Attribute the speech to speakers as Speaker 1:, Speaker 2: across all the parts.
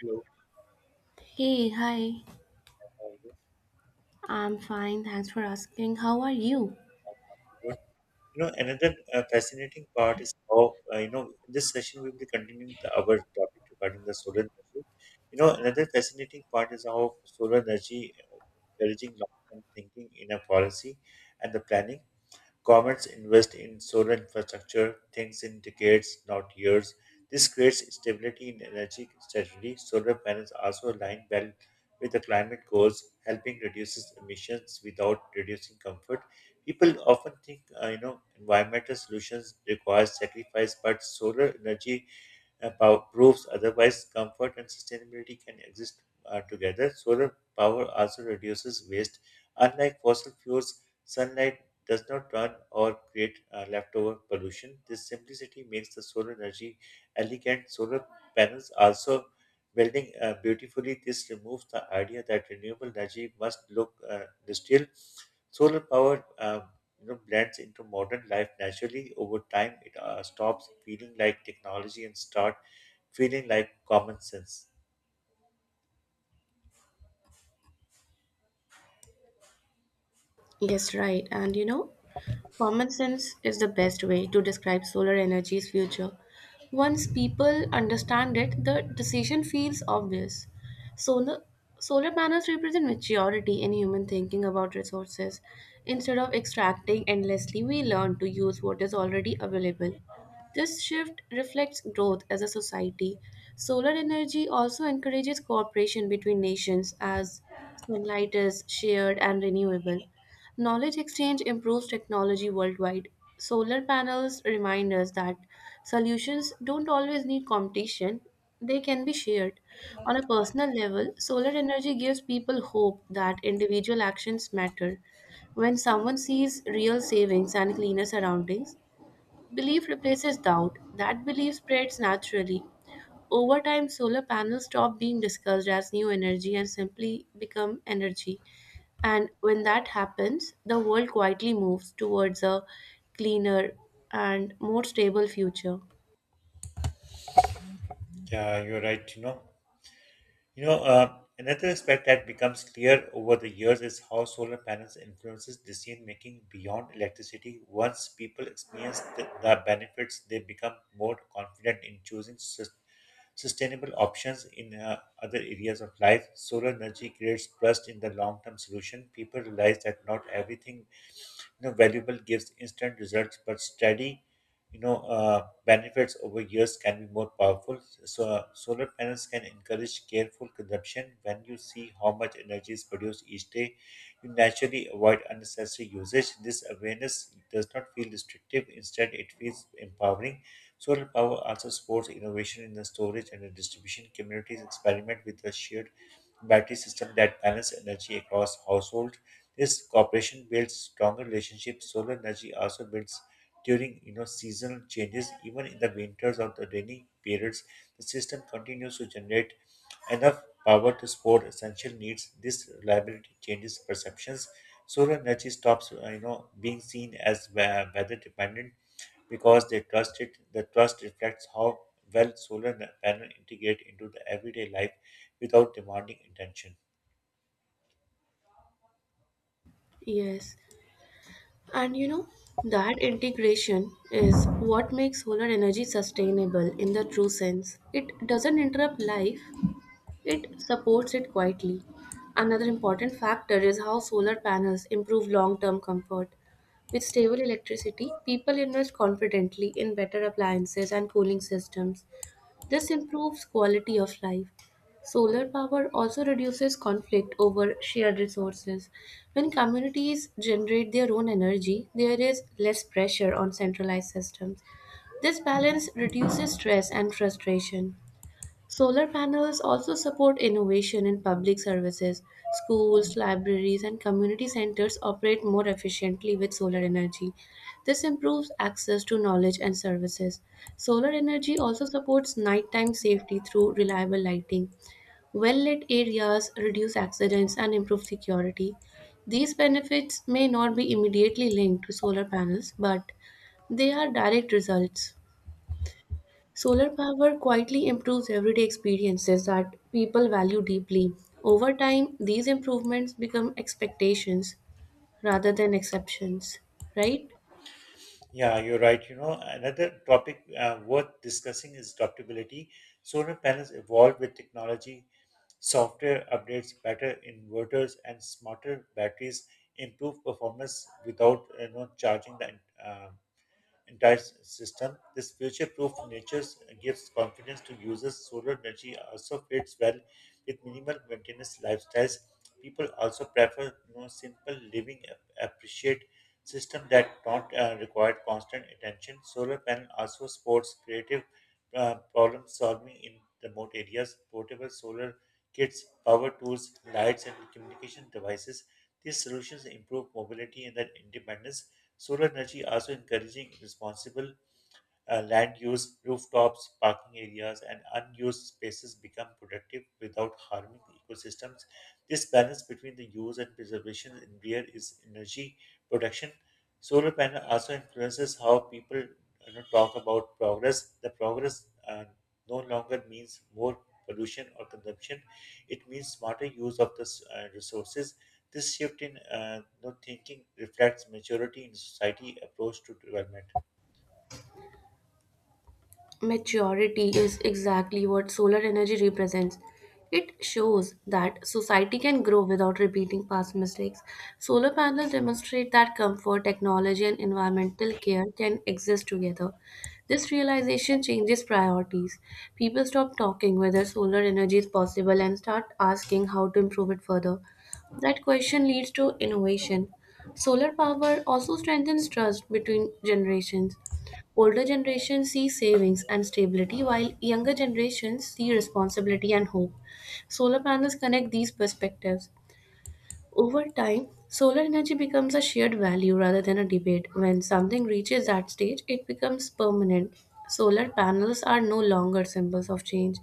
Speaker 1: Globe
Speaker 2: Hey, hi.
Speaker 1: around you.
Speaker 2: I'm fine. Thanks for asking. How are you?
Speaker 1: Good. You know, another fascinating part is how, you know, in this session we will be continuing our topic regarding the solar energy. You know, another fascinating part is how solar energy encouraging long-term thinking in a policy and the planning. Governments invest in solar infrastructure, things in decades, not years. This creates stability in energy strategy. Solar panels also align well with the climate goals, helping reduces emissions without reducing comfort. People often think, you know, environmental solutions require sacrifice, but solar energy proofs. Otherwise, comfort and sustainability can exist together. Solar power also reduces waste. Unlike fossil fuels, sunlight does not run or create leftover pollution. This simplicity makes the solar energy elegant. Solar panels also building beautifully. This removes the idea that renewable energy must look industrial. Solar power you know, blends into modern life naturally. Over time, it stops feeling like technology and start feeling like common sense.
Speaker 2: Yes, right. And you know, common sense is the best way to describe solar energy's future. Once people understand it, the decision feels obvious. Solar, solar panels represent maturity in human thinking about resources. Instead of extracting endlessly, we learn to use what is already available. This shift reflects growth as a society. Solar energy also encourages cooperation between nations as sunlight is shared and renewable. Knowledge exchange improves technology worldwide. Solar panels remind us that solutions don't always need competition, they can be shared. On a personal level, solar energy gives people hope that individual actions matter. When someone sees real savings and cleaner surroundings, belief replaces doubt. That belief spreads naturally. Over time, solar panels stop being discussed as new energy and simply become energy. And when that happens, the world quietly moves towards a cleaner and more stable future.
Speaker 1: Yeah, you're right. You know, another aspect that becomes clear over the years is how solar panels influences decision making beyond electricity. Once people experience the benefits, they become more confident in choosing sustainable options in other areas of life. Solar energy creates trust in the long-term solution. People realize that not everything you know valuable gives instant results, but steady you know benefits over years can be more powerful. So solar panels can encourage careful consumption. When you see how much energy is produced each day, you naturally avoid unnecessary usage. This awareness does not feel restrictive, instead it feels empowering. Solar power also supports innovation in the storage and the distribution. Communities experiment with a shared battery system that balances energy across households. This cooperation builds stronger relationships. Solar energy also builds during you know seasonal changes, even in the winters or the rainy periods. The system continues to generate enough power to support essential needs. This reliability changes perceptions. Solar energy stops you know being seen as weather dependent because they trust it. The trust reflects how well solar panel integrate into the everyday life without demanding attention.
Speaker 2: Yes. And you know, that integration is what makes solar energy sustainable in the true sense. It doesn't interrupt life, it supports it quietly. Another important factor is how solar panels improve long term comfort. With stable electricity, people invest confidently in better appliances and cooling systems. This improves quality of life. Solar power also reduces conflict over shared resources. When communities generate their own energy, there is less pressure on centralized systems. This balance reduces stress and frustration. Solar panels also support innovation in public services. Schools, libraries, and community centers operate more efficiently with solar energy. This improves access to knowledge and services. Solar energy also supports nighttime safety through reliable lighting. Well lit areas reduce accidents and improve security. These benefits may not be immediately linked to solar panels, but they are direct results. Solar power quietly improves everyday experiences that people value deeply. Over time, these improvements become expectations rather than exceptions, right?
Speaker 1: Yeah, you're right. You know, another topic worth discussing is adaptability. Solar panels evolve with technology, software updates, better inverters, and smarter batteries improve performance without you know charging the uh, entire system. This future-proof nature gives confidence to users. Solar energy also fits well with minimal maintenance lifestyles. People also prefer you know, simple living, appreciate system that don't require constant attention. Solar panel also supports creative problem solving in remote areas. Portable solar kits, power tools, lights, and communication devices. These solutions improve mobility and their independence. Solar energy also encouraging responsible land use, rooftops, parking areas, and unused spaces become productive without harming the ecosystems. This balance between the use and preservation in rear is energy production. Solar panel also influences how people you know, talk about progress. The progress no longer means more pollution or consumption; it means smarter use of the resources. This shift in you know, thinking reflects maturity in society approach to development.
Speaker 2: Maturity is exactly what solar energy represents. It shows that society can grow without repeating past mistakes. Solar panels demonstrate that comfort, technology, and environmental care can exist together. This realization changes priorities. People stop talking whether solar energy is possible and start asking how to improve it further. That question leads to innovation. Solar power also strengthens trust between generations. Older generations see savings and stability, while younger generations see responsibility and hope. Solar panels connect these perspectives. Over time, solar energy becomes a shared value rather than a debate. When something reaches that stage, it becomes permanent. Solar panels are no longer symbols of change,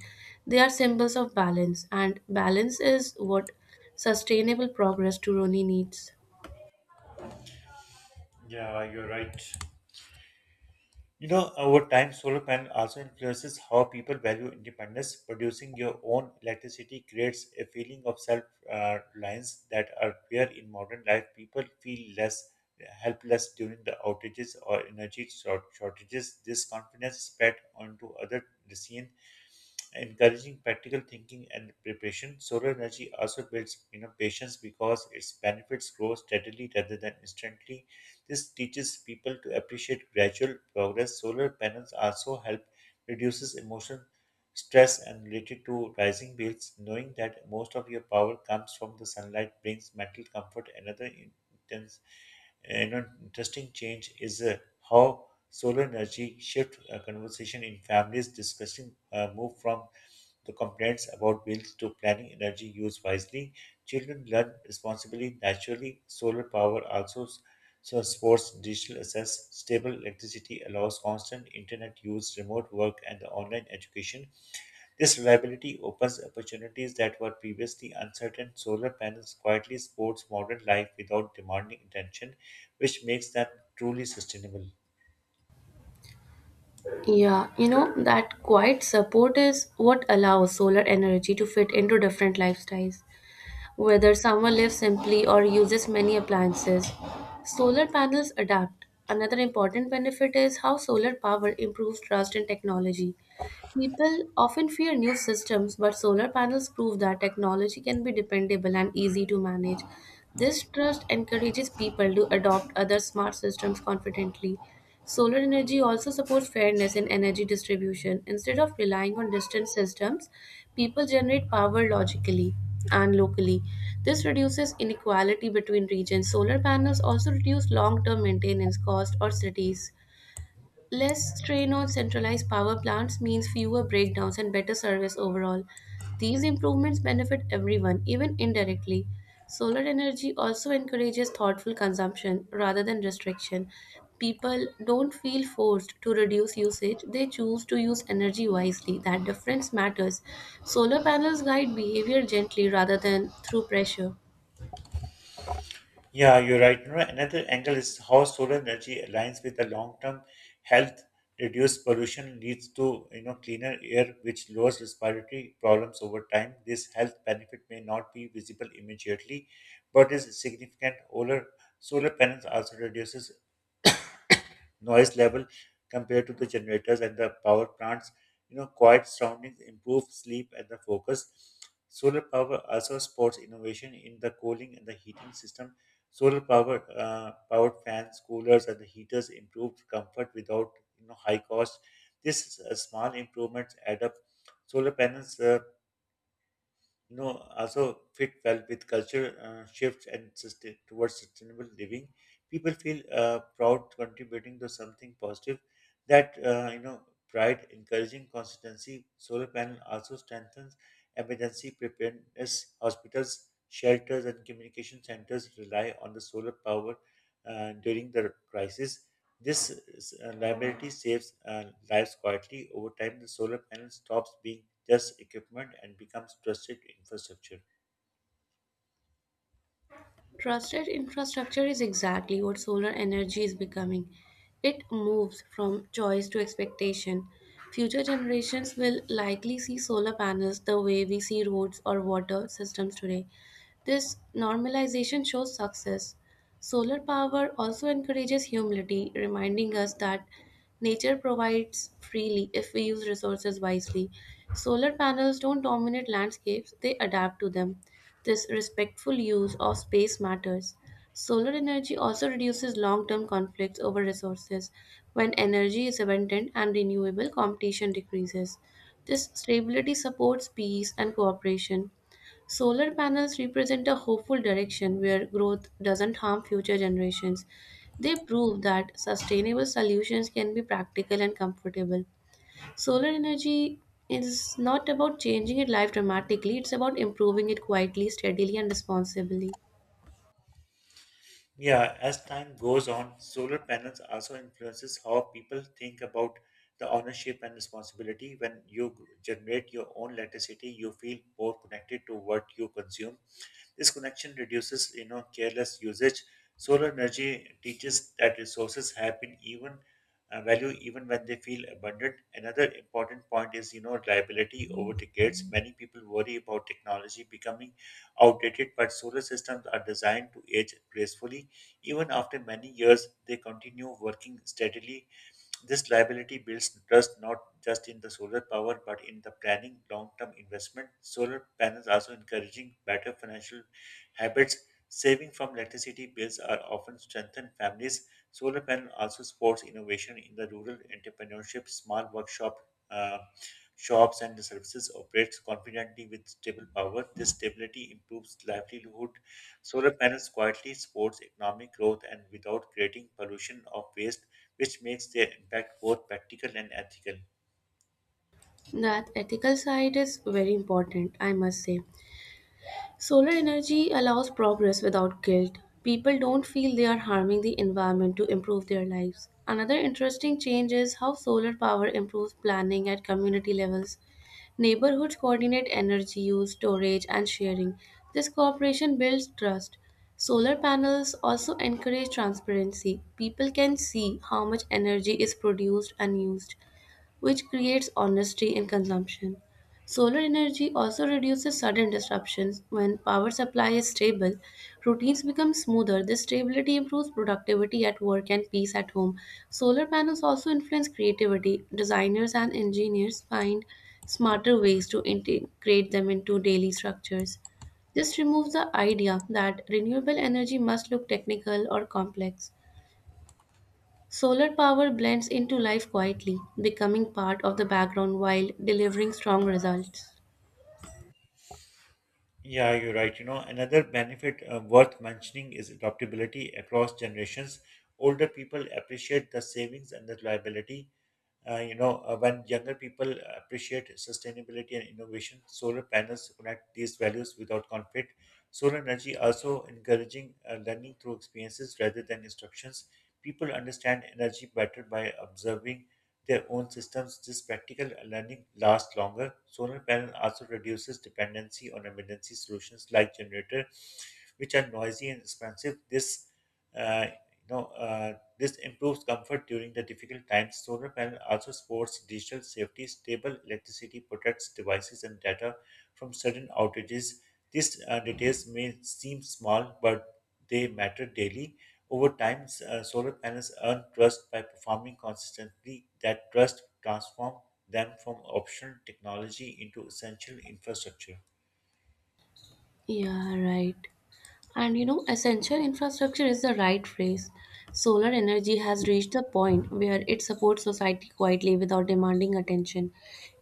Speaker 2: they are symbols of balance, and balance is what sustainable progress truly needs.
Speaker 1: Yeah, you're right. You know, over time, solar panel also influences how people value independence. Producing your own electricity creates a feeling of self-reliance that are rare in modern life. People feel less helpless during the outages or energy shortages. This confidence spread onto other decisions encouraging practical thinking and preparation. Solar energy also builds you know, patience because its benefits grow steadily rather than instantly. This teaches people to appreciate gradual progress. Solar panels also help reduces emotional stress and related to rising bills. Knowing that most of your power comes from the sunlight brings mental comfort. Another intense, you know, interesting change is how solar energy shift conversation in families discussing move from the complaints about bills to planning energy use wisely. Children learn responsibly naturally. Solar power also so supports digital access. Stable electricity allows constant internet use, remote work, and the online education. This reliability opens opportunities that were previously uncertain. Solar panels quietly supports modern life without demanding attention, which makes them truly sustainable.
Speaker 2: Yeah, you know, that quiet support is what allows solar energy to fit into different lifestyles. Whether someone lives simply or uses many appliances, solar panels adapt. Another important benefit is how solar power improves trust in technology. People often fear new systems, but solar panels prove that technology can be dependable and easy to manage. This trust encourages people to adopt other smart systems confidently. Solar energy also supports fairness in energy distribution. Instead of relying on distant systems, people generate power logically and locally. This reduces inequality between regions. Solar panels also reduce long term maintenance costs or cities. Less strain on centralized power plants means fewer breakdowns and better service overall. These improvements benefit everyone, even indirectly. Solar energy also encourages thoughtful consumption rather than restriction. People don't feel forced to reduce usage, they choose to use energy wisely. That difference matters. Solar panels guide behavior gently rather than through pressure.
Speaker 1: Yeah, you're right. You know, another angle is how solar energy aligns with the long-term health. Reduced pollution leads to you know cleaner air, which lowers respiratory problems over time. This health benefit may not be visible immediately, but is significant. Solar panels also reduces noise level compared to the generators and the power plants. You know, quiet surroundings improve sleep and the focus. Solar power also supports innovation in the cooling and the heating system. Solar power, powered fans, coolers, and the heaters improve comfort without you know high cost. These small improvements add up. Solar panels. No, Also fit well with culture shifts and towards sustainable living. People feel proud contributing to something positive. That you know, pride encouraging consistency. Solar panel also strengthens emergency preparedness. Hospitals, shelters, and communication centers rely on the solar power during the crisis. This liability saves lives quietly over time. The solar panel stops being just equipment and becomes trusted infrastructure.
Speaker 2: Trusted infrastructure is exactly what solar energy is becoming. It moves from choice to expectation. Future generations will likely see solar panels the way we see roads or water systems today. This normalization shows success. Solar power also encourages humility, reminding us that nature provides freely if we use resources wisely. Solar panels don't dominate landscapes, they adapt to them. This respectful use of space matters. Solar energy also reduces long term conflicts over resources. When energy is abundant and renewable, competition decreases. This stability supports peace and cooperation. Solar panels represent a hopeful direction where growth doesn't harm future generations. They prove that sustainable solutions can be practical and comfortable. Solar energy is not about changing your life dramatically, it's about improving it quietly, steadily, and responsibly.
Speaker 1: Yeah, as time goes on, solar panels also influences how people think about the ownership and responsibility. When you generate your own electricity, you feel more connected to what you consume. This connection reduces, you know, careless usage. Solar energy teaches that resources have been even value even when they feel abundant. Another important point is, you know, reliability over decades. Many people worry about technology becoming outdated, but solar systems are designed to age gracefully. Even after many years, they continue working steadily. This liability builds trust not just in the solar power but in the planning long-term investment. Solar panels also encouraging better financial habits. Saving from electricity bills are often strengthened families. Solar panel also supports innovation in the rural entrepreneurship. Small workshop uh, shops and services operates confidently with stable power. This stability improves livelihood. Solar panels quietly supports economic growth and without creating pollution of waste, which makes their impact both practical and ethical.
Speaker 2: That ethical side is very important, I must say. Solar energy allows progress without guilt. People don't feel they are harming the environment to improve their lives. Another interesting change is how solar power improves planning at community levels. Neighborhoods coordinate energy use, storage, and sharing. This cooperation builds trust. Solar panels also encourage transparency. People can see how much energy is produced and used, which creates honesty in consumption. Solar energy also reduces sudden disruptions. When power supply is stable, routines become smoother. This stability improves productivity at work and peace at home. Solar panels also influence creativity. Designers and engineers find smarter ways to integrate them into daily structures. This removes the idea that renewable energy must look technical or complex. Solar power blends into life quietly, becoming part of the background while delivering strong results.
Speaker 1: Yeah, you're right. You know, another benefit worth mentioning is adaptability across generations. Older people appreciate the savings and the reliability. When younger people appreciate sustainability and innovation, solar panels connect these values without conflict. Solar energy also encouraging learning through experiences rather than instructions. People understand energy better by observing their own systems. This practical learning lasts longer. Solar panel also reduces dependency on emergency solutions like generator, which are noisy and expensive. This, uh, you know, uh, this improves comfort during the difficult times. Solar panel also supports digital safety. Stable electricity protects devices and data from sudden outages. These details may seem small, but they matter daily. Over time, solar panels earn trust by performing consistently. That trust transforms them from optional technology into essential infrastructure.
Speaker 2: Yeah, right. And you know, essential infrastructure is the right phrase. Solar energy has reached the point where it supports society quietly without demanding attention.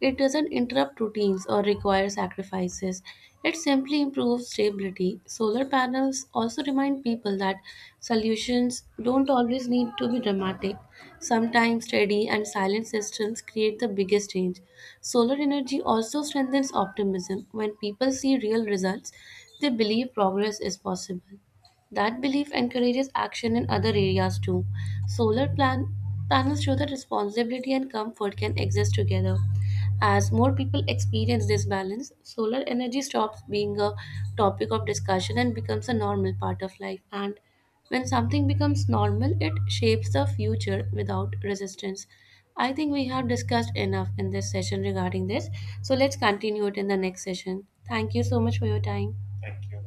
Speaker 2: It doesn't interrupt routines or require sacrifices. It simply improves stability. Solar panels also remind people that solutions don't always need to be dramatic. Sometimes steady and silent systems create the biggest change. Solar energy also strengthens optimism. When people see real results, they believe progress is possible. That belief encourages action in other areas too. Solar plan- Panels show that responsibility and comfort can exist together. As more people experience this balance, solar energy stops being a topic of discussion and becomes a normal part of life. And when something becomes normal, it shapes the future without resistance. I think we have discussed enough in this session regarding this. So let's continue it in the next session. Thank you so much for your time.
Speaker 1: Thank you.